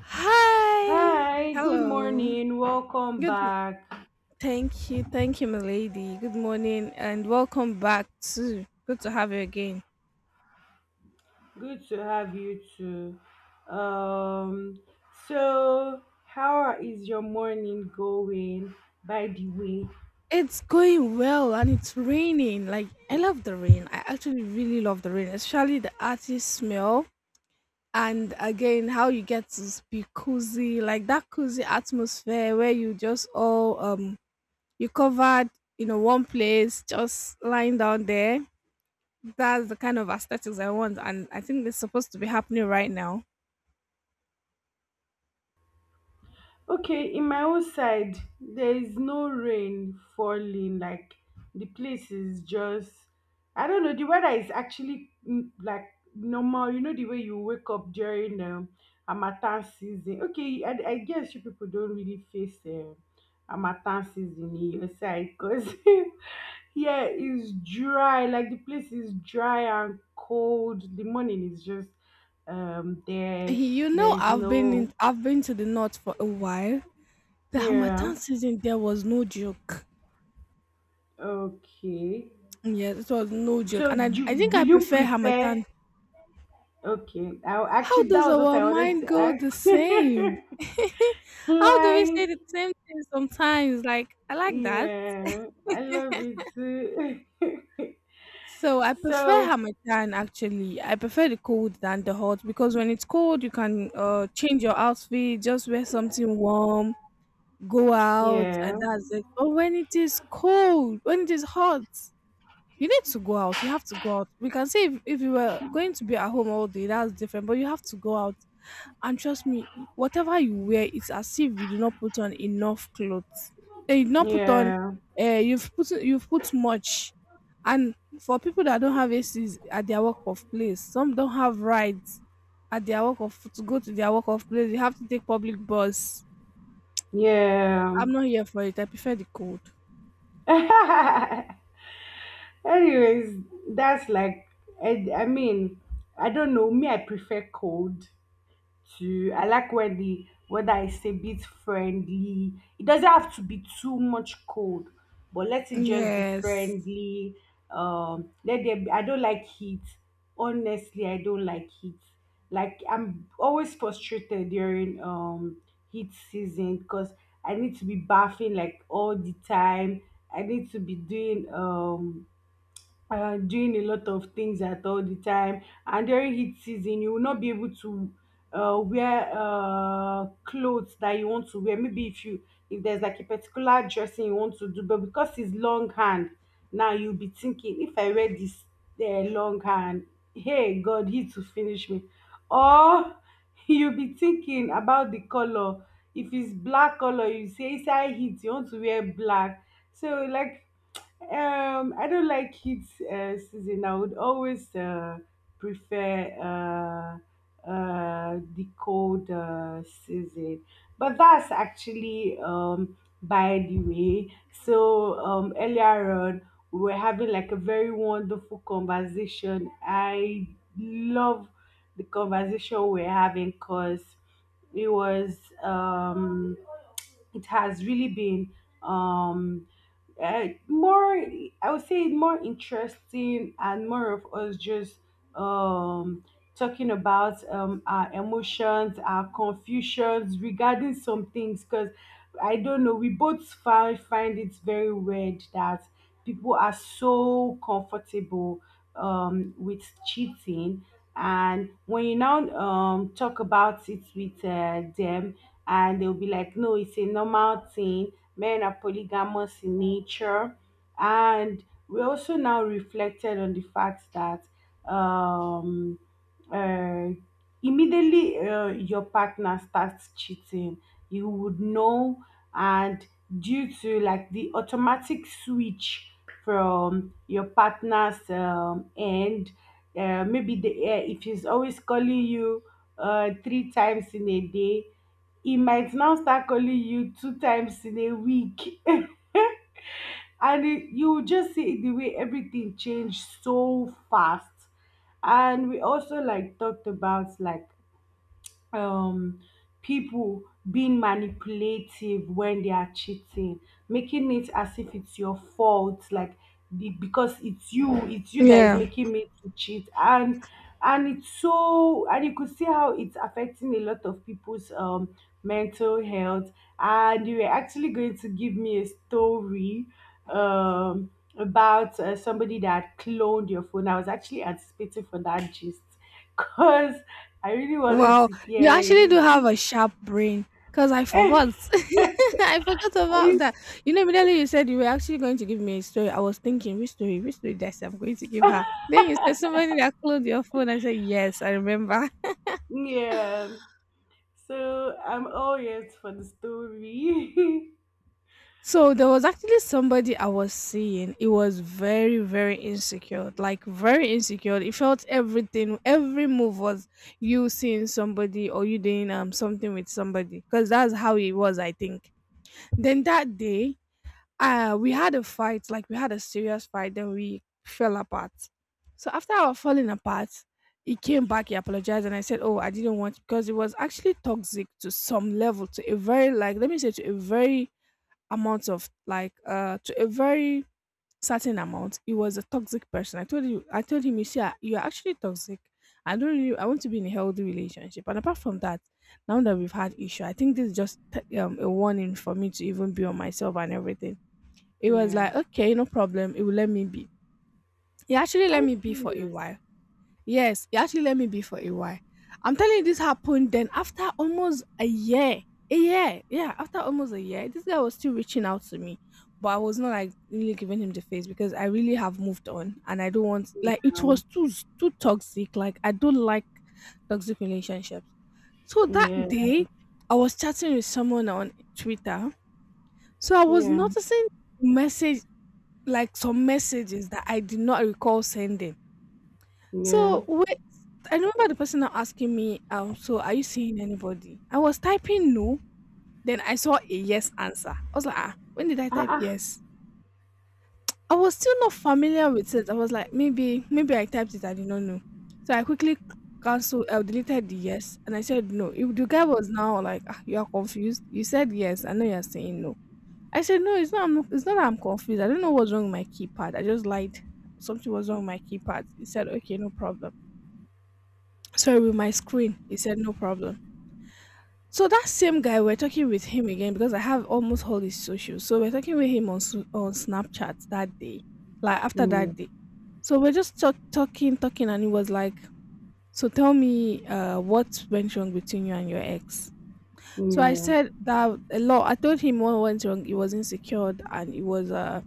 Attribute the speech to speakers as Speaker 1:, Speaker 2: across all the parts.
Speaker 1: Hi.
Speaker 2: Hi, good
Speaker 1: Hello.
Speaker 2: morning. Welcome
Speaker 1: Good.
Speaker 2: back.
Speaker 1: Thank you. Thank you, my lady. Good morning and welcome back to. Good to have you again.
Speaker 2: Good to have you too. Um, so how is your morning going, by the way?
Speaker 1: It's going well and it's raining. Like, I love the rain. I actually really love the rain, especially the earthy smell. And again, how you get to be cozy, like that cozy atmosphere where you just all, you covered, in a one place, just lying down there. That's the kind of aesthetics I want, and I think it's supposed to be happening right now.
Speaker 2: Okay, in my own side, there is no rain falling. Like the place is just, I don't know. The weather is actually like normal. You know the way you wake up during harmattan season. Okay, I guess you people don't really face harmattan season in your side, because yeah, it's dry. Like the place is dry and cold. The morning is just there.
Speaker 1: You
Speaker 2: There
Speaker 1: know,
Speaker 2: is no.
Speaker 1: I've been to the north for a while. The
Speaker 2: Yeah.
Speaker 1: Hamatan season there was no joke.
Speaker 2: Okay.
Speaker 1: Yes, it was no joke,
Speaker 2: So
Speaker 1: and I I think I
Speaker 2: will you
Speaker 1: prefer
Speaker 2: prefer?
Speaker 1: Hamatan.
Speaker 2: Okay. I
Speaker 1: How
Speaker 2: actually, that
Speaker 1: does
Speaker 2: was what
Speaker 1: our
Speaker 2: I wanted
Speaker 1: mind
Speaker 2: to
Speaker 1: go the same?
Speaker 2: ask.
Speaker 1: How do we say
Speaker 2: Like,
Speaker 1: the same thing sometimes? Like I like that.
Speaker 2: yeah, I love you too.
Speaker 1: So I prefer
Speaker 2: So
Speaker 1: Hamatan actually. I prefer the cold than the hot because when it's cold you can change your outfit, just wear something warm, go out
Speaker 2: yeah,
Speaker 1: and that's it. But when it is hot, you need to go out. You have to go out. We can say if you were going to be at home all day, that's different, but you have to go out. And trust me, whatever you wear, it's as if you did not put on enough clothes. Eh, you did not put on
Speaker 2: yeah,
Speaker 1: you've put much. And for people that don't have ACs at their work of place, some don't have rides at their work of to go to their work of place. You have to take public bus.
Speaker 2: yeah.
Speaker 1: I'm not here for it. I prefer the cold.
Speaker 2: Anyways, that's like, I mean, I don't know. Me, I prefer cold. To I like when the weather is a bit friendly. It doesn't have to be too much cold, but let it just be
Speaker 1: Yes.
Speaker 2: friendly. Let there be, I don't like heat. Honestly, I don't like heat. Like, I'm always frustrated during heat season because I need to be bathing like all the time. I need to be doing doing a lot of things at all the time, and during heat season you will not be able to wear clothes that you want to wear. Maybe if there's like a particular dressing you want to do, but because it's long hand, now you'll be thinking, if I wear this long hand, hey god, he to finish me. Or you'll be thinking about the color. If it's black color, you say inside heat you want to wear black. So like, I don't like heat season. I would always prefer the cold season. But that's actually by the way. So earlier on, we were having like a very wonderful conversation. I love the conversation we're having, because it was. Um, it has really been um more. I would say more interesting and more of us just um talking about our emotions, our confusions regarding some things, because I don't know, we both find it very weird that people are so comfortable with cheating. And when you now talk about it with them, and they'll be like, no, it's a normal thing. Men are polygamous in nature. And we also now reflected on the fact that um, uh, immediately your partner starts cheating, you would know, and due to like the automatic switch from your partner's end. Maybe the if he's always calling you 3 times in a day, he might now start calling you 2 times in a week. And you will just see the way everything changed so fast. And we also like talked about like um people being manipulative when they are cheating, making it as if it's your fault. Like because it's you that is
Speaker 1: Yeah.
Speaker 2: making me to cheat. And it's so, and you could see how it's affecting a lot of people's mental health. And you were actually going to give me a story um about somebody that cloned your phone. I was actually anticipating for that gist, because I really wanted
Speaker 1: Wow.
Speaker 2: to
Speaker 1: You
Speaker 2: hear
Speaker 1: actually do
Speaker 2: it.
Speaker 1: have a sharp brain. Because I forgot. I forgot about
Speaker 2: I-
Speaker 1: that. You know, immediately you said you were actually going to give me a story, I was thinking, which story? Which story that I'm going to give her? Then you said somebody that closed your phone. I said, yes, I remember.
Speaker 2: yeah. So I'm all ears for the story.
Speaker 1: So there was actually somebody I was seeing. It was very, very insecure. Like very insecure. It felt everything, every move was you seeing somebody or you doing something with somebody. Because that's how it was, I think. Then that day, we had a fight, like we had a serious fight, then we fell apart. So after our falling apart, he came back, he apologized, and I said, oh, I didn't want, because it was actually toxic to some level, to a very, like, let me say to a very amount of like to a very certain amount. He was a toxic person. I told you, I told him, you see, ah, you're actually toxic. I don't really I want to be in a healthy relationship, and apart from that, now that we've had issue, I think this is just a warning for me to even be on myself and everything. It was
Speaker 2: Yeah.
Speaker 1: like, okay, no problem, it will, let me be. He actually let
Speaker 2: I'm
Speaker 1: me be for a
Speaker 2: serious.
Speaker 1: while. Yes, he actually let me be for a while. I'm telling you, this happened then after almost a year. A year. Yeah, after almost a year, this guy was still reaching out to me. But I was not like really giving him the face because I really have moved on and I don't want, like, it
Speaker 2: Um,
Speaker 1: was too too toxic. Like I don't like toxic relationships. So that
Speaker 2: yeah.
Speaker 1: day I was chatting with someone on Twitter. So I was
Speaker 2: Yeah.
Speaker 1: noticing message, like some messages that I did not recall sending,
Speaker 2: Yeah.
Speaker 1: so wait, I remember the person now asking me, so are you seeing anybody? I was typing no, then I saw a yes answer. I was like, ah, when did I type
Speaker 2: Uh-uh.
Speaker 1: yes? I was still not familiar with it. I was like, maybe, maybe I typed it, I did not know. So I quickly cancelled, I deleted the yes, and I said no. If the guy was now like, ah, you are confused. You said yes, I know you are saying no. I said no, it's not. I'm, not- it's not that I'm confused. I don't know what's wrong with my keypad. I just lied. Something was wrong with my keypad. He said, okay, no problem. Sorry, with my screen. He said no problem. So that same guy, we're talking with him again because I have almost all his socials, so we're talking with him on on Snapchat that day, like after
Speaker 2: Yeah.
Speaker 1: that day. So we're just talking and he was like, so tell me what went wrong between you and your ex. So I
Speaker 2: Yeah.
Speaker 1: said that a lot, I told him what went wrong, he was insecure and it was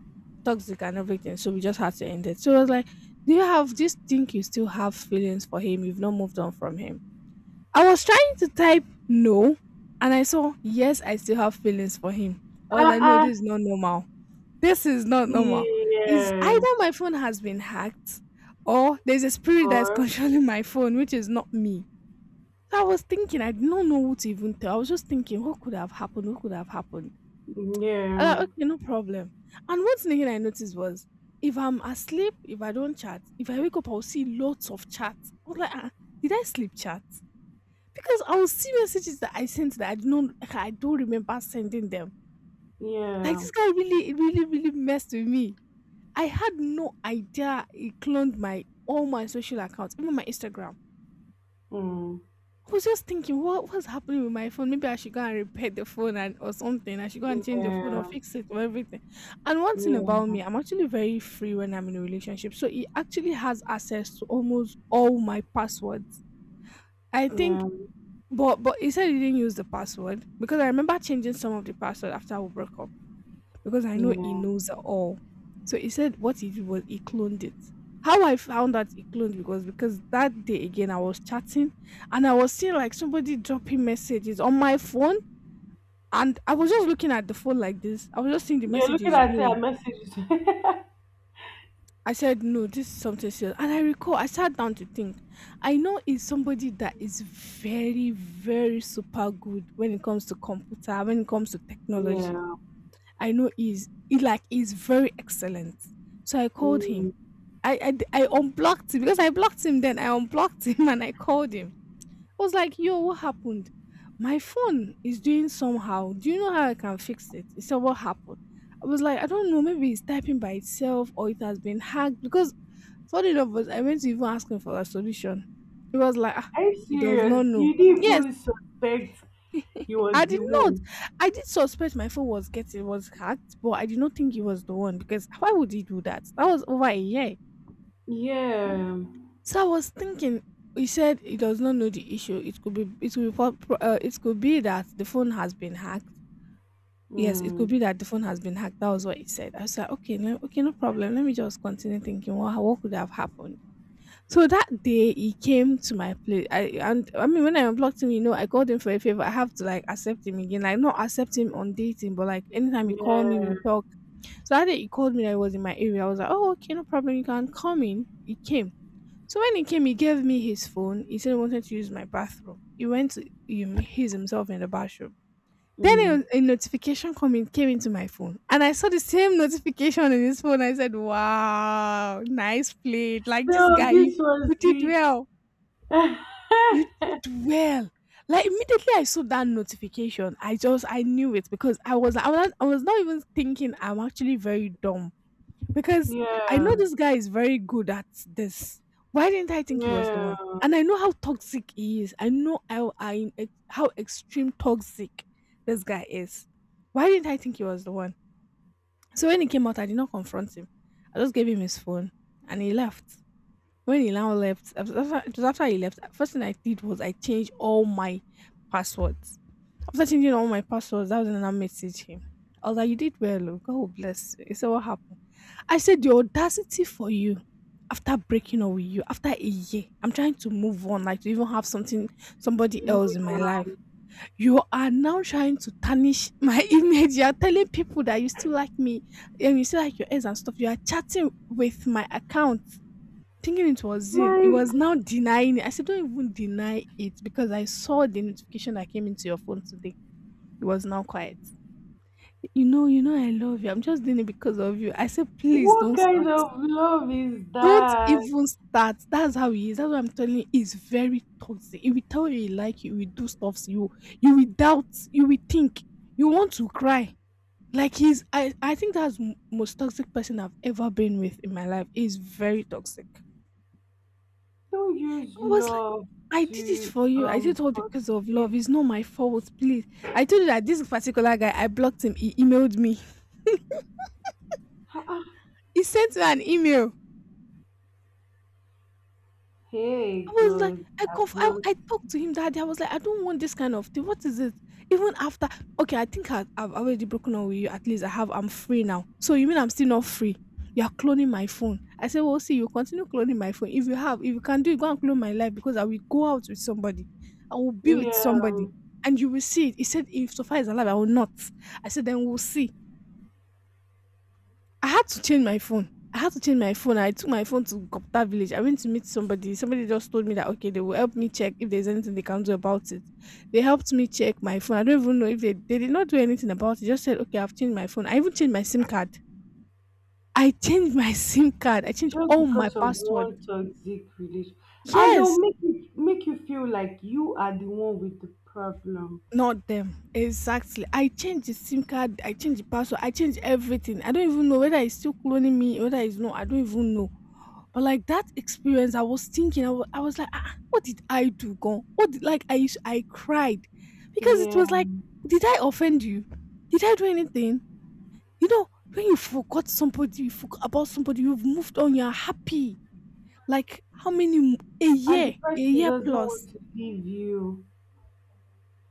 Speaker 1: toxic and everything, so we just had to end it. So I was like, do you think you still have feelings for him, you've not moved on from him? I was trying to type no, and I saw, yes, I still have feelings for him. I was like, no,
Speaker 2: Uh-uh.
Speaker 1: this is not normal. This is not normal. Is
Speaker 2: Yeah.
Speaker 1: either my phone has been hacked or there's a spirit that's
Speaker 2: Or.
Speaker 1: controlling my phone, which is not me. So I was thinking, I did not know what to even tell. I was just thinking, what could have happened? What could have happened? I was
Speaker 2: Yeah.
Speaker 1: like, okay, no problem. And one thing again I noticed was, if I'm asleep, if I don't chat, if I wake up, I'll see lots of chats. I was like, ah, did I sleep chat? Because I will see messages that I sent that I don't remember sending them. Like
Speaker 2: Yeah.
Speaker 1: this guy really really really messed with me. I had no idea he cloned my all my social accounts, even my Instagram.
Speaker 2: Mm.
Speaker 1: I was just thinking, what's happening with my phone? Maybe I should go and repair the phone and or something. I should go and change the phone or
Speaker 2: Yeah.
Speaker 1: fix it or everything. And one thing about
Speaker 2: Yeah.
Speaker 1: me, I'm actually very free when I'm in a relationship. So he actually has access to almost all my passwords. I
Speaker 2: Yeah.
Speaker 1: think. But he said he didn't use the password because I remember changing some of the password after we broke up because I know he
Speaker 2: Yeah.
Speaker 1: knows it all. So he said what he did was he cloned it. How I found out he cloned it was because that day again I was chatting and I was seeing like somebody dropping messages on my phone, and I was just looking at the phone like this. I was just seeing the
Speaker 2: You're looking
Speaker 1: messages
Speaker 2: at your
Speaker 1: going.
Speaker 2: messages.
Speaker 1: I said, no, this is something serious. And I recall, I sat down to think. I know he's somebody that is very, very super good when it comes to computer, when it comes to technology.
Speaker 2: Yeah.
Speaker 1: I know he's he's very excellent. So I called him.
Speaker 2: Mm.
Speaker 1: I unblocked him because I blocked him. Then I unblocked him and I called him. I was like, yo, what happened? My phone is doing somehow. Do you know how I can fix it? He said, what happened? I was like, I don't know, maybe it's typing by itself or it has been hacked because, funny enough, was I went to even ask him for a solution. He was like, ah,
Speaker 2: Are you
Speaker 1: he does not
Speaker 2: serious?
Speaker 1: know.
Speaker 2: You didn't
Speaker 1: Yes,
Speaker 2: even suspect he was
Speaker 1: I
Speaker 2: the
Speaker 1: did not.
Speaker 2: one.
Speaker 1: I did suspect my phone was getting was hacked, but I did not think he was the one because why would he do that? That was over a year.
Speaker 2: Yeah.
Speaker 1: So I was thinking. He said he does not know the issue. It could be it could be that the phone has been hacked. Yes, it could
Speaker 2: Mm.
Speaker 1: be that the phone has been hacked. That was what he said. I was like, okay, no, okay, no problem. Let me just continue thinking. What could have happened? So that day he came to my place. I, and I mean when I unblocked him, you know, I called him for a favor. I have to like accept him again. Like not accept him on dating, but like anytime he called me,
Speaker 2: Yeah.
Speaker 1: we'll talk. So that day he called me, I was in my area. I was like, oh, okay, no problem, you can come in. He came. So when he came, he gave me his phone. He said he wanted to use my bathroom. He's himself in the bathroom.
Speaker 2: Mm.
Speaker 1: Then a notification coming came into my phone, and I saw the same notification in his phone. I said, "Wow, nice played! Like this
Speaker 2: So
Speaker 1: guy, you,
Speaker 2: this was
Speaker 1: you did
Speaker 2: the.
Speaker 1: well.
Speaker 2: Yeah.
Speaker 1: You did well." Like immediately I saw that notification, I just I knew it because I was not even thinking. I'm actually very dumb because I know
Speaker 2: Yeah.
Speaker 1: this guy is very good at this. Why didn't I think he was the one?
Speaker 2: Yeah.
Speaker 1: And I know how toxic he is. I know how how extreme toxic this guy is. Why didn't I think he was the one? So when he came out, I did not confront him. I just gave him his phone, and he left. When he now left, after, it was after he left. First thing I did was I changed all my passwords. After changing all my passwords, that was when I messaged him. I was like, "You did well, oh. God will bless you." He said, "What happened?" I said, "The audacity for you, after breaking up with you after a year. I'm trying to move on, like to even have something, somebody else in my life. You are now trying to tarnish my image. You are telling people that you still like me and you still like your ex and stuff. You are chatting with my account." Thinking it was you. It
Speaker 2: Like,
Speaker 1: was now denying it. I said, "Don't even deny it, because I saw the notification that came into your phone today." He was not quiet. You know I love you. I'm just doing it because of you." I said, "Please
Speaker 2: what
Speaker 1: don't
Speaker 2: kind
Speaker 1: start.
Speaker 2: of love is
Speaker 1: Don't
Speaker 2: that?
Speaker 1: even start." That's how he is. That's what I'm telling you. He's very toxic. He will tell you he like you. He will do stuff to you. You will doubt. You will think. You want to cry. Like I think that's most toxic person I've ever been with in my life. He's very toxic.
Speaker 2: Don't use
Speaker 1: I was like,
Speaker 2: love
Speaker 1: "I did it
Speaker 2: to
Speaker 1: for you. I did it all because of love.
Speaker 2: frustrate.
Speaker 1: It's not my fault, please." I told you that this particular guy, I blocked him. He emailed me. He sent me an email.
Speaker 2: Hey
Speaker 1: I was like,
Speaker 2: God,
Speaker 1: I
Speaker 2: I've
Speaker 1: conf- I,
Speaker 2: not.
Speaker 1: I talked to him that day. I was like, "I don't want this kind of thing. What is it? Even after, okay, I think I've already broken up with you. At least I have. I'm free now. So you mean I'm still not free? You are cloning my phone." I said, "Well, see, you continue cloning my phone. If you can do it, go and clone my life, because I will go out with somebody. I will be with
Speaker 2: Yeah,
Speaker 1: somebody, and you will see it." He said, "If so far as alive, I will not." I said, "Then we'll see." I had to change my phone. I had to change my phone. I took my phone to Gopta village. I went to meet somebody. Somebody just told me that okay, they will help me check if there's anything they can do about it. They helped me check my phone. I don't even know if they did not do anything about it. Just said okay, I've changed my phone. I even changed my SIM card. I changed my SIM card. I changed
Speaker 2: just
Speaker 1: all my
Speaker 2: because of
Speaker 1: password.
Speaker 2: one toxic relationship, and they'll
Speaker 1: Yes,
Speaker 2: make you feel like you are the one with the problem.
Speaker 1: not them. Exactly. I changed the SIM card. I changed the password. I changed everything. I don't even know whether it's still cloning me, whether it's not. I don't even know. But like that experience, I was thinking, I was like, "Ah, what did I do, Gon? Like I cried because it
Speaker 2: Yeah,
Speaker 1: was like, did I offend you? Did I do anything?" You know, when you forgot somebody, you forgot about somebody, you've moved on, you're happy. Like
Speaker 2: and the
Speaker 1: a
Speaker 2: person
Speaker 1: year
Speaker 2: doesn't want
Speaker 1: plus.
Speaker 2: to leave you.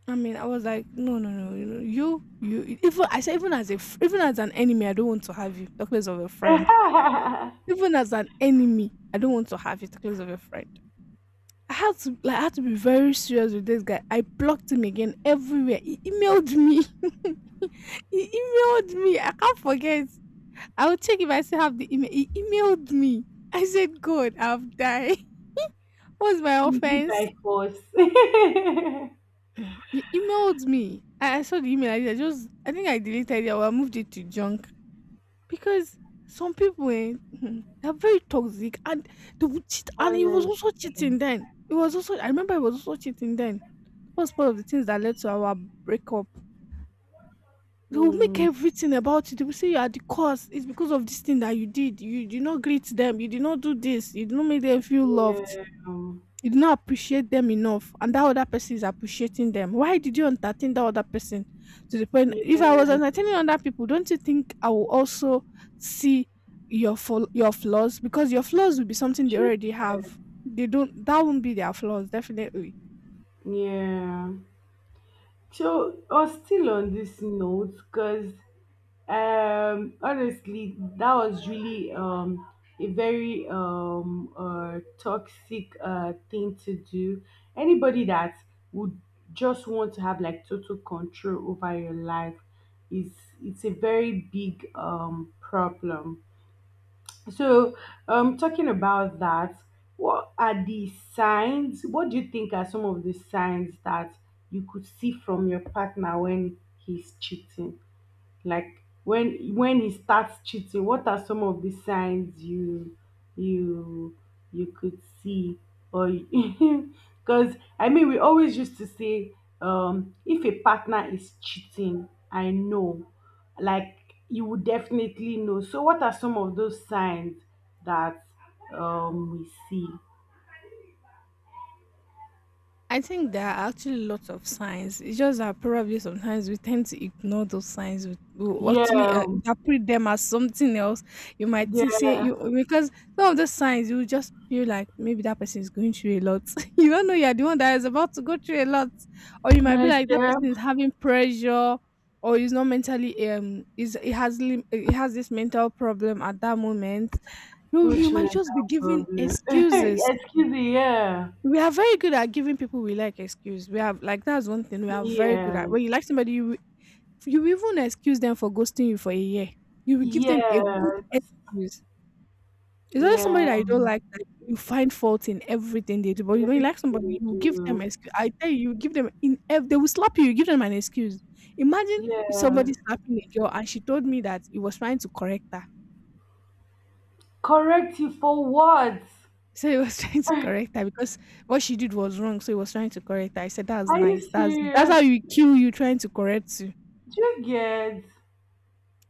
Speaker 1: I mean, I was like, no, no, no, you, know, you. Even I said, even as an enemy, I don't want to have you. Talk less of a friend. Even as an enemy, I don't want to have you. Talk less of a friend. I had to be very serious with this guy. I blocked him again everywhere. He emailed me. He emailed me. I can't forget. I will check if I still have the email. He emailed me. I said, "God, I've died. What's my
Speaker 2: Easy
Speaker 1: offense?"
Speaker 2: by force.
Speaker 1: Mm. He emailed me. I saw the email. I just I think I deleted it, or I moved it to junk. Because some people they're very toxic, and they would cheat, and he was also
Speaker 2: Honestly.
Speaker 1: cheating then. It was also, I remember, he was also cheating then, was one of the things that led to our breakup. They will make
Speaker 2: mm,
Speaker 1: everything about it. They will say you are the cause. It's because of this thing that you did. You did not greet them. You did not do this. You did not make them feel loved.
Speaker 2: yeah,
Speaker 1: You did not appreciate them enough. And that other person is appreciating them. Why did you entertain that other person? To the point, if I was
Speaker 2: yeah,
Speaker 1: entertaining other people, don't you think I will also see your flaws? Because your flaws will be something they
Speaker 2: true.
Speaker 1: already have. They don't. That won't be their flaws, definitely.
Speaker 2: Yeah, so, or still on this note, because honestly, that was really a very toxic thing to do. Anybody that would just want to have like total control over your life is it's a very big problem. So talking about that, what are the signs, what do you think are some of the signs that you could see from your partner when he's cheating? Like, when he starts cheating, what are some of the signs you you could see? Or, because I mean, we always used to say, if a partner is cheating, I know. Like, you would definitely know. So what are some of those signs that we see?
Speaker 1: I think there are actually lots of signs. It's just that probably sometimes we tend to ignore those signs. We actually
Speaker 2: Yeah,
Speaker 1: interpret them as something else. You might say,
Speaker 2: yeah,
Speaker 1: you, because some of the signs you just feel like maybe that person is going through a lot. You don't know you're the one that is about to go through a lot, or you might be
Speaker 2: my
Speaker 1: like that
Speaker 2: dear,
Speaker 1: person is having pressure, or is not mentally, is, it has lim- it has this mental problem at that moment. You
Speaker 2: which
Speaker 1: might just be
Speaker 2: mental
Speaker 1: giving
Speaker 2: problem?
Speaker 1: excuses.
Speaker 2: Excuse me, yeah.
Speaker 1: We are very good at giving people we like excuse. We have like that's one thing we are very good at.
Speaker 2: Yes.
Speaker 1: When you like somebody, you will- you even excuse them for ghosting you for a year. You will give them a good
Speaker 2: Yes,
Speaker 1: excuse. It's always somebody
Speaker 2: yeah,
Speaker 1: that you don't like that you find fault in everything they do. But when you like
Speaker 2: everything
Speaker 1: somebody,
Speaker 2: you
Speaker 1: you give them
Speaker 2: do.
Speaker 1: excuse. I tell you, you give them they will slap you. You give them an excuse. Imagine if
Speaker 2: Yeah,
Speaker 1: somebody slapping a girl and she told me that he was trying to correct her.
Speaker 2: correct you for what?
Speaker 1: So he was trying to
Speaker 2: Are
Speaker 1: correct her because what she did was wrong. So he was trying to correct her. I said, "That's nice.
Speaker 2: you
Speaker 1: That's
Speaker 2: serious?
Speaker 1: how you kill, you trying to correct you."
Speaker 2: Do you get?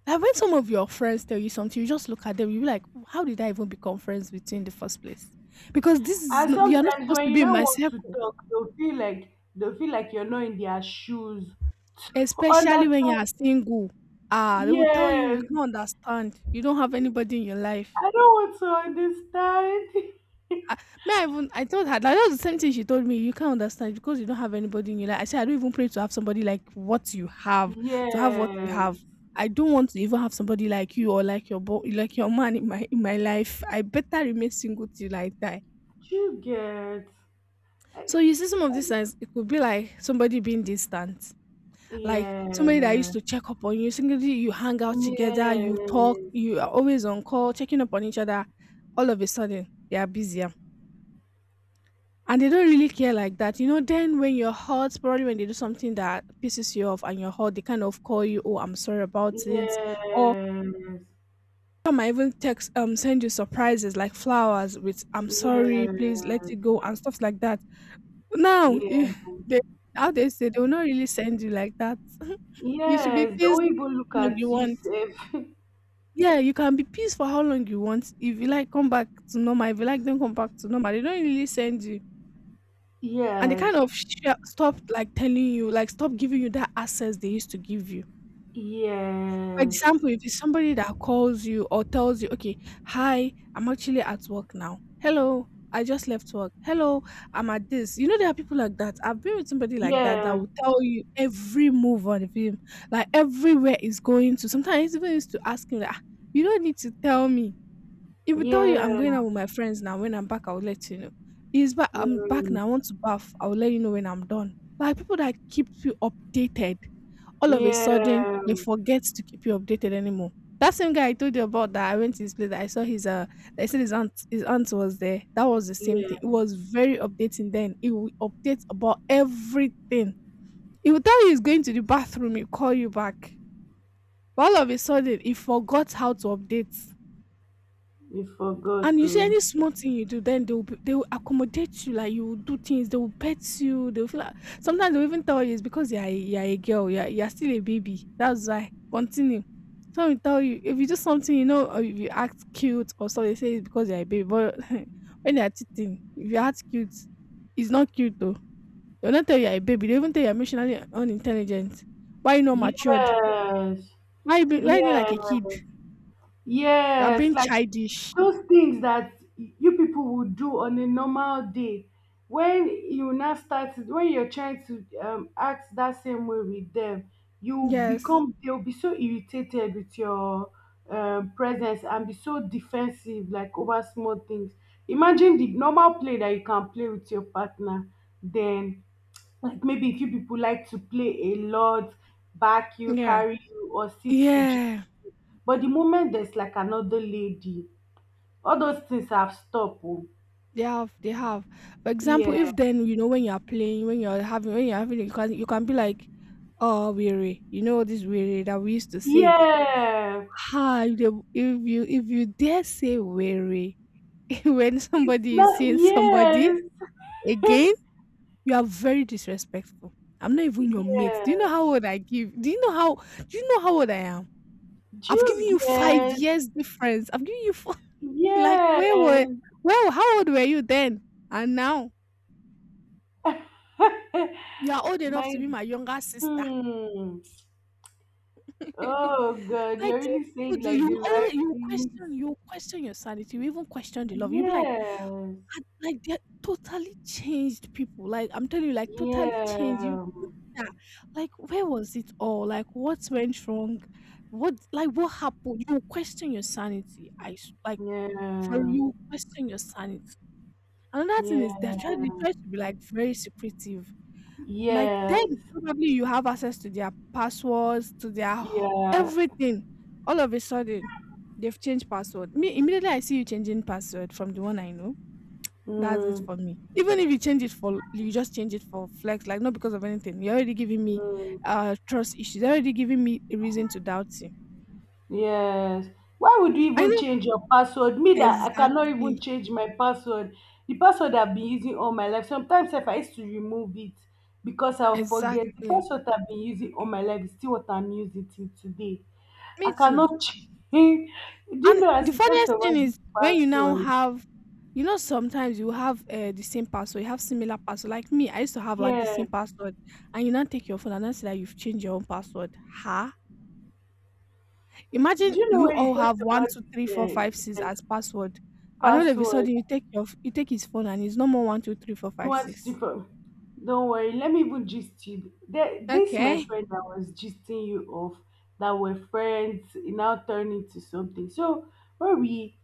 Speaker 1: Like when some of your friends tell you something, you just look at them, you be like, "How did I even become friends with you in the first place? Because this is
Speaker 2: And
Speaker 1: not, you're not
Speaker 2: sometimes
Speaker 1: supposed
Speaker 2: when
Speaker 1: to
Speaker 2: you
Speaker 1: be in
Speaker 2: now
Speaker 1: my
Speaker 2: want to
Speaker 1: circle,"
Speaker 2: talk, they'll feel like you're not in their shoes.
Speaker 1: especially when you
Speaker 2: Understand?
Speaker 1: are single. Ah, they will tell you you
Speaker 2: Yes,
Speaker 1: can't understand. You don't have anybody in your life.
Speaker 2: I don't want to understand.
Speaker 1: I, me, I told her that was the same thing she told me. "You can't understand because you don't have anybody in your life." I said, "I don't even pray to have somebody like what you have, to have what you
Speaker 2: Yes,
Speaker 1: have. I don't want to even have somebody like you or like like your man in my life. I better remain single till I die."
Speaker 2: do you get? I,
Speaker 1: So you see, some of these
Speaker 2: I-
Speaker 1: signs, it could be like somebody being distant, like somebody that
Speaker 2: yeah,
Speaker 1: used to check up on you. Singly, you hang out together, you talk,
Speaker 2: yes.
Speaker 1: you are always on call, checking up on each other. All of a sudden, they are busy. And they don't really care like that. You know, then when you're hurt, probably when they do something that pisses you off and you're hurt, they kind of call you, "Oh, I'm sorry about it." Or
Speaker 2: Yes,
Speaker 1: some might even text, send you surprises like flowers with, "I'm sorry, please let
Speaker 2: yes,
Speaker 1: it go," and stuff like that. Now, you-
Speaker 2: yes,
Speaker 1: they, how they say, they will not really send you like that. You should be
Speaker 2: yes. The
Speaker 1: pissed
Speaker 2: way people look
Speaker 1: how long
Speaker 2: at
Speaker 1: you
Speaker 2: you,
Speaker 1: want.
Speaker 2: safe.
Speaker 1: Yeah, you can be pissed for how long you want. If you like, come back to normal. If you like, don't come back to normal. They don't really send you. And they
Speaker 2: Yes,
Speaker 1: kind of sha stopped, like, telling you, like, stop giving you that access they used to give you. For
Speaker 2: yes,
Speaker 1: example, if it's somebody that calls you or tells you, "Okay, hi, I'm actually at work now. Hello, I just left work. Hello, I'm at this." You know, there are people like that. I've been with somebody like that that
Speaker 2: yeah,
Speaker 1: will tell you every move on him, like everywhere is going to. Sometimes he even used to ask me, like, "Ah, you don't need to tell me." He will tell you, "I'm
Speaker 2: yeah,
Speaker 1: going out with my friends now. When I'm back, I'll let you know." He's back. "I'm back
Speaker 2: mm,
Speaker 1: now. I want to bath." I'll let you know when I'm done. Like people that keep you updated, all of a sudden
Speaker 2: yeah,
Speaker 1: they forget to keep you updated anymore. That same guy I told you about that I went to his place. That I saw his. They said his aunt. His aunt was there. That was the same thing.
Speaker 2: yeah.
Speaker 1: It was very updating then. It will update about everything. He will tell you he's going to the bathroom. He'll call you back. But all of a sudden, he forgot how to update.
Speaker 2: You
Speaker 1: And
Speaker 2: forgot
Speaker 1: you see
Speaker 2: to.
Speaker 1: any small thing you do, then they will accommodate you. Like you will do things, they will pet you. They will feel like sometimes they will even tell you it's because you are a girl, you are still a baby. That's why. Continue. Some will tell you if you do something, or if you act cute or so, they say it's because you're a baby. But when they are cheating, if you act cute, it's not cute though. They'll not tell you are a baby. They even tell you are emotionally unintelligent. Why you not matured?
Speaker 2: Yes,
Speaker 1: Why you like
Speaker 2: yes,
Speaker 1: a kid? You are
Speaker 2: yes.
Speaker 1: being
Speaker 2: Like,
Speaker 1: childish.
Speaker 2: those things that you people would do on a normal day, when you're trying to act that same way with them, you
Speaker 1: Yes.
Speaker 2: become they'll be so irritated with your presence and be so defensive like over small things. Imagine the normal play that you can play with your partner, then like, maybe if you people like to play a lot, back you
Speaker 1: Yeah.
Speaker 2: carry you or sit to gym,
Speaker 1: Yeah.
Speaker 2: but the moment there's like another lady, all those things have stopped. Oh.
Speaker 1: They have. For example,
Speaker 2: Yeah.
Speaker 1: if then you know when you are playing, when you're having, you can be like, "Oh, weary," you know this weary that we used to say.
Speaker 2: Yeah.
Speaker 1: Ah, if you dare say weary when
Speaker 2: It's
Speaker 1: somebody is
Speaker 2: not.
Speaker 1: seeing somebody
Speaker 2: Yes.
Speaker 1: again, you are very disrespectful. I'm not even your mate. Do you know
Speaker 2: Yes.
Speaker 1: how old I give? Do you know how old I am?
Speaker 2: Do
Speaker 1: I've given
Speaker 2: you
Speaker 1: you five
Speaker 2: get,
Speaker 1: years difference. I've given you four, like where were
Speaker 2: yes?
Speaker 1: where how old were you then and now? You are old enough
Speaker 2: My.
Speaker 1: to be my younger sister.
Speaker 2: Hmm. Oh God, you're
Speaker 1: Like these
Speaker 2: really saying
Speaker 1: people do,
Speaker 2: like the
Speaker 1: you
Speaker 2: right
Speaker 1: always you
Speaker 2: things.
Speaker 1: question you question your sanity, you even question the love. You'll be like,
Speaker 2: Yes.
Speaker 1: and like they're totally changed people. Like I'm telling you, like totally changed you.
Speaker 2: Yeah.
Speaker 1: Yeah. Like where was it all? Like what went wrong? What happened? You question your sanity. Like for
Speaker 2: Yeah.
Speaker 1: you question your sanity. Another thing is they
Speaker 2: Yeah.
Speaker 1: try they try to be like very secretive. Like then
Speaker 2: Yes.
Speaker 1: probably you have access to their passwords, to their h-
Speaker 2: Yeah.
Speaker 1: everything. All of a sudden, they've changed password. Me immediately I see you changing password from the one I know. That's it
Speaker 2: Mm.
Speaker 1: for me. Even if you change it for you just change it for flex, like not because of anything. You're already giving me
Speaker 2: Mm.
Speaker 1: trust issues. You're already giving me a reason to doubt you.
Speaker 2: Yes. Why would you
Speaker 1: I
Speaker 2: even
Speaker 1: know
Speaker 2: change your password? Me that I cannot even
Speaker 1: exactly.
Speaker 2: change my password. The password I've been using all my life. Sometimes if I used to remove it because I'll forget. The
Speaker 1: Exactly.
Speaker 2: password I've been using all my life is still what I'm using till today.
Speaker 1: Me
Speaker 2: I
Speaker 1: too.
Speaker 2: cannot change. Do you
Speaker 1: And
Speaker 2: know,
Speaker 1: the
Speaker 2: as you talked
Speaker 1: funniest thing
Speaker 2: about this
Speaker 1: is when you now
Speaker 2: password?
Speaker 1: have, sometimes you have the same password, you have similar password. Like me, I used to have like the
Speaker 2: Yeah.
Speaker 1: same password, and you now take your phone and now see that you've changed your own password. Ha!
Speaker 2: Do
Speaker 1: Imagine
Speaker 2: you know
Speaker 1: you
Speaker 2: when you
Speaker 1: all
Speaker 2: talked
Speaker 1: have one,
Speaker 2: about
Speaker 1: two, three,
Speaker 2: this
Speaker 1: four, five, six
Speaker 2: yeah,
Speaker 1: as password, and all of a
Speaker 2: password?
Speaker 1: sudden you take your you take his phone and it's no more one, two, three, four, five,
Speaker 2: What's
Speaker 1: six.
Speaker 2: different? Don't worry, let me even gist you. There, this my
Speaker 1: Okay,
Speaker 2: friend I was gisting you of, that were friends, it now turned into something. So when we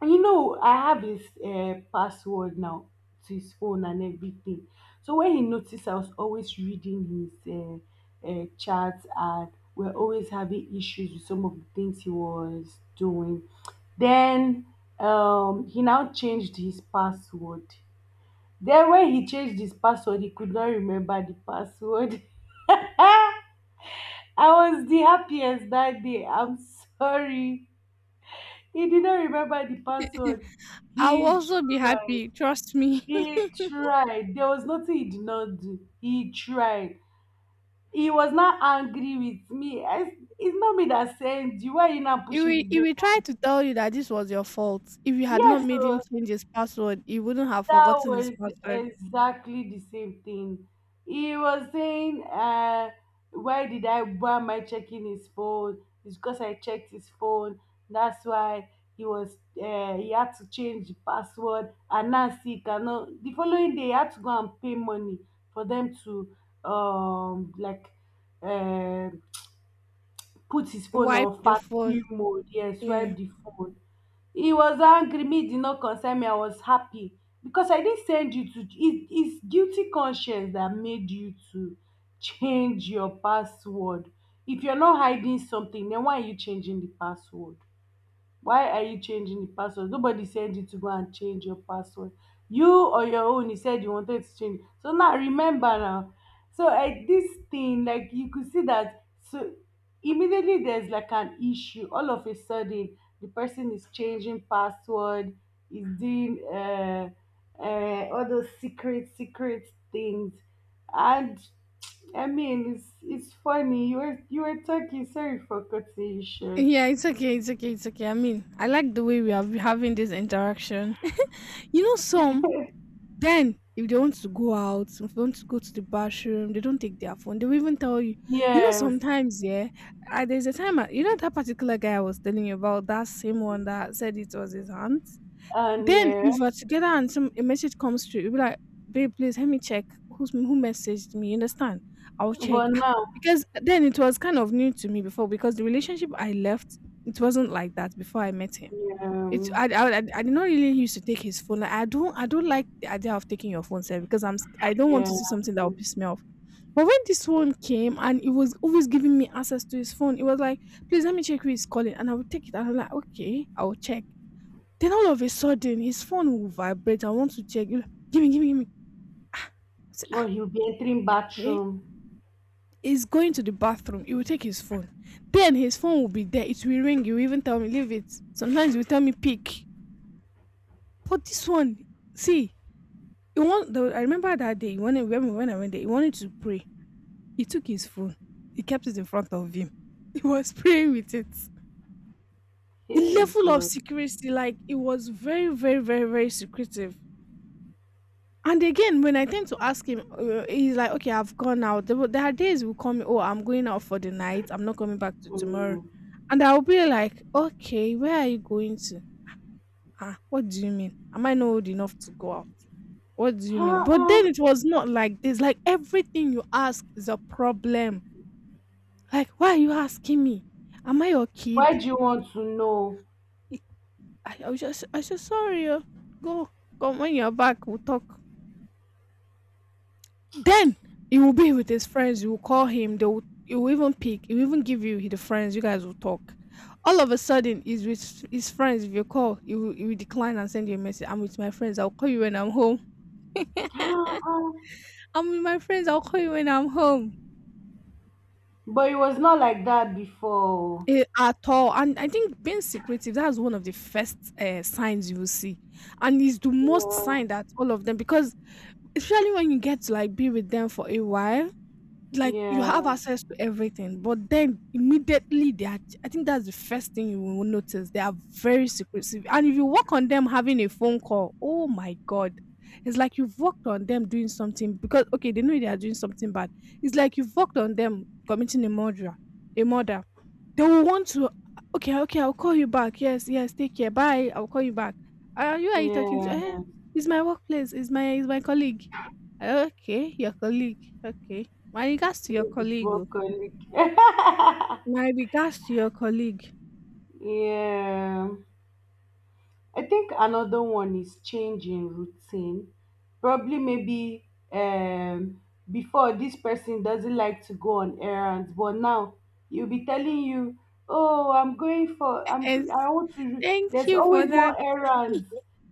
Speaker 2: and you know, I have his password now, to his phone and everything. So when he noticed I was always reading his chats, and we're always having issues with some of the things he was doing, then he now changed his password. Then when he changed his password, he could not remember the password. I was the happiest that day. I'm sorry. He did not remember the password.
Speaker 1: I will
Speaker 2: He
Speaker 1: also be
Speaker 2: tried.
Speaker 1: happy. Trust me.
Speaker 2: He tried. There was nothing he did not do. He tried. He was not angry with me. It's not me that sent you. Why are you not
Speaker 1: He
Speaker 2: pushing
Speaker 1: will,
Speaker 2: the
Speaker 1: he
Speaker 2: blame?
Speaker 1: will try to tell you that this was your fault. If you had not
Speaker 2: Yes,
Speaker 1: made him
Speaker 2: so
Speaker 1: change his password, he wouldn't have
Speaker 2: that
Speaker 1: forgotten his
Speaker 2: was
Speaker 1: password.
Speaker 2: exactly the same thing. He was saying, why am I checking his phone? It's because I checked his phone. That's why he had to change the password. And now see, he cannot, the following day, he had to go and pay money for them to, um, like, uh, put his phone
Speaker 1: Wipe
Speaker 2: on
Speaker 1: the phone.
Speaker 2: factory mode. Yes,
Speaker 1: Yeah.
Speaker 2: swipe the phone. He was angry. Me did not concern me. I was happy because I didn't send you to. It's guilty conscience that made you to change your password. If you're not hiding something, then why are you changing the password? Why are you changing the password? Nobody said you to go and change your password. You on your own, you said you wanted to change it. So now remember now. So at this thing, like, you could see that, so immediately there's like an issue, all of a sudden, the person is changing password, is doing all those secret, secret things. And I mean, it's funny. You were talking. Sorry for cutting you short.
Speaker 1: Yeah, it's okay. It's okay. It's okay. I mean, I like the way we are having this interaction. You know, some then if they want to go out, if they want to go to the bathroom, they don't take their phone. They will even tell you. You know,
Speaker 2: Yes.
Speaker 1: sometimes yeah, there's a time. You know that particular guy I was telling you about, that same one that said it was his aunt.
Speaker 2: And
Speaker 1: Then
Speaker 2: yeah,
Speaker 1: if we're together and some a message comes through, you'll be like, babe, please help me check who messaged me. You understand? I'll check.
Speaker 2: but now,
Speaker 1: Because then it was kind of new to me before because the relationship I left, it wasn't like that before I met him. It
Speaker 2: um,
Speaker 1: I did not really used to take his phone. Like, I don't like the idea of taking your phone sir because I don't want to
Speaker 2: yeah,
Speaker 1: see something that will piss me off. But when this one came and it was always giving me access to his phone, it was like, please let me check who is calling. And I would take it and I'm like, okay, I'll check. Then all of a sudden, his phone will vibrate. I want to check. He'll like, give me, give me, give me. I say,
Speaker 2: oh, he'll be entering
Speaker 1: okay.
Speaker 2: bathroom.
Speaker 1: He's going to the bathroom. He will take his phone. Then his phone will be there. It will ring. He will even tell me, leave it. Sometimes he will tell me, pick. But this one, see, I remember that day, when I went there, he wanted to pray. He took his phone. He kept it in front of him. He was praying with it. The
Speaker 2: Hey,
Speaker 1: level of
Speaker 2: God.
Speaker 1: secrecy, like, it was very, very, very, very secretive. And again, when I tend to ask him, he's like, "Okay, I've gone out." There are days will come. Oh, I'm going out for the night. I'm not coming back to tomorrow,
Speaker 2: Mm.
Speaker 1: and I'll be like, "Okay, where are you going to?" Ah, what do you mean? Am I not old enough to go out? What do you mean? But
Speaker 2: Uh-uh.
Speaker 1: then it was not like this. Like everything you ask is a problem. Like, why are you asking me? Am I your
Speaker 2: Why
Speaker 1: kid?
Speaker 2: do you want to know?
Speaker 1: I said, sorry. Oh. Go, come when you're back. We'll talk. Then he will be with his friends. You will call him. They will. He will even pick. He will even give you the friends. You guys will talk. All of a sudden, he's with his friends. If you call, he will decline and send you a message. I'm with my friends. I'll call you when I'm home.
Speaker 2: Uh-uh.
Speaker 1: I'm with my friends. I'll call you when I'm home.
Speaker 2: But it was not like that before.
Speaker 1: At all. And I think being secretive, that's one of the first signs you will see. And it's the most
Speaker 2: Yeah,
Speaker 1: sign that all of them, because especially when you get to like be with them for a while, like you have
Speaker 2: yes,
Speaker 1: access to everything, but then immediately they are. I think that's the first thing you will notice. They are very secretive, and if you work on them having a phone call, oh my god, it's like you've worked on them doing something because okay, they know they are doing something bad. It's like you've worked on them committing a murder, a murder. They will want to. Okay, okay, I'll call you back. Yes, yes, take care. Bye. I'll call you back. Who are you talking to?
Speaker 2: yeah.
Speaker 1: It's my workplace. It's my colleague. Okay, your colleague. Okay, my regards to your
Speaker 2: It was
Speaker 1: colleague. Oh.
Speaker 2: workaholic.
Speaker 1: My regards to your colleague."
Speaker 2: Yeah. I think another one is changing routine. Probably maybe before, this person doesn't like to go on errands, but now he will be telling you, "Oh, I'm going for
Speaker 1: Yes,
Speaker 2: I want to." ru-"
Speaker 1: thank
Speaker 2: There's
Speaker 1: you for
Speaker 2: always
Speaker 1: that.
Speaker 2: one errand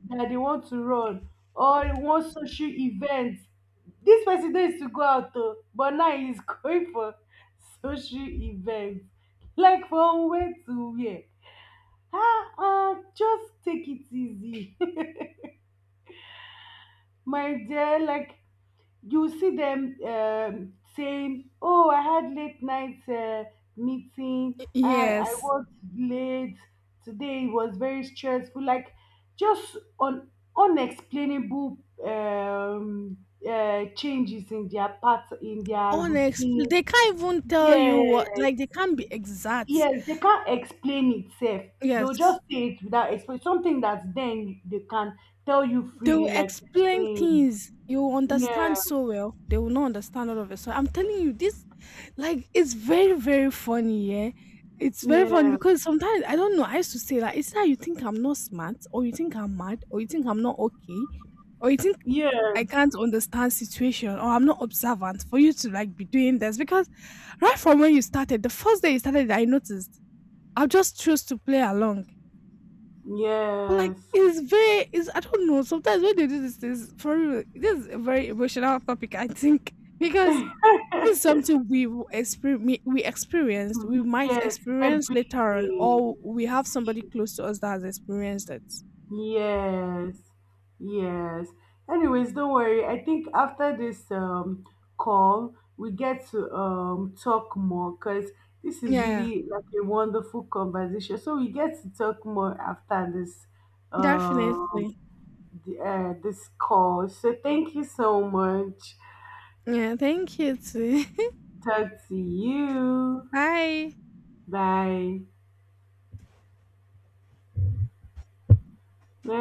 Speaker 2: that they want to run, or one social event. This person needs to go out, though, but now he's going for social events. Like, from where to where? Ah, just take it easy, my dear. Like, you see them saying, "Oh, I had late night meeting. I
Speaker 1: Yes.
Speaker 2: worked late today. It was very stressful." Like, just on unexplainable um, changes in their part, in their routine.
Speaker 1: They can't even tell you
Speaker 2: Yeah,
Speaker 1: what like they can't be exact.
Speaker 2: yes, they can't explain itself. They'll
Speaker 1: Yes.
Speaker 2: just say it without explain something that then they can tell you
Speaker 1: They
Speaker 2: freely,
Speaker 1: will
Speaker 2: like you're
Speaker 1: explain
Speaker 2: saying.
Speaker 1: things you will
Speaker 2: Yeah,
Speaker 1: understand so well. They will not understand all of it. So I'm telling you, this like it's very, very funny, yeah. It's very funny
Speaker 2: yeah,
Speaker 1: because sometimes I don't know. I used to say that it's either you think I'm not smart, or you think I'm mad, or you think I'm not okay, or you think
Speaker 2: yeah,
Speaker 1: I can't understand situation or I'm not observant for you to like be doing this because right from when you started, the first day you started, I noticed I just chose to play along. But like
Speaker 2: yes.
Speaker 1: it's very it's I don't know. Sometimes when they do this is for real, this is a very emotional topic, I think. Because this is something we experienced, we might
Speaker 2: Yes,
Speaker 1: experience
Speaker 2: every
Speaker 1: later on,
Speaker 2: day.
Speaker 1: or we have somebody
Speaker 2: See.
Speaker 1: close to us that has experienced it.
Speaker 2: Yes, yes. Anyways, don't worry. I think after this call, we get to talk more because this is
Speaker 1: Yeah,
Speaker 2: really like a wonderful conversation. So we get to talk more after this um
Speaker 1: definitely.
Speaker 2: this call. So thank you so much.
Speaker 1: Yeah, thank you too.
Speaker 2: Talk to you.
Speaker 1: Bye.
Speaker 2: Bye. Bye.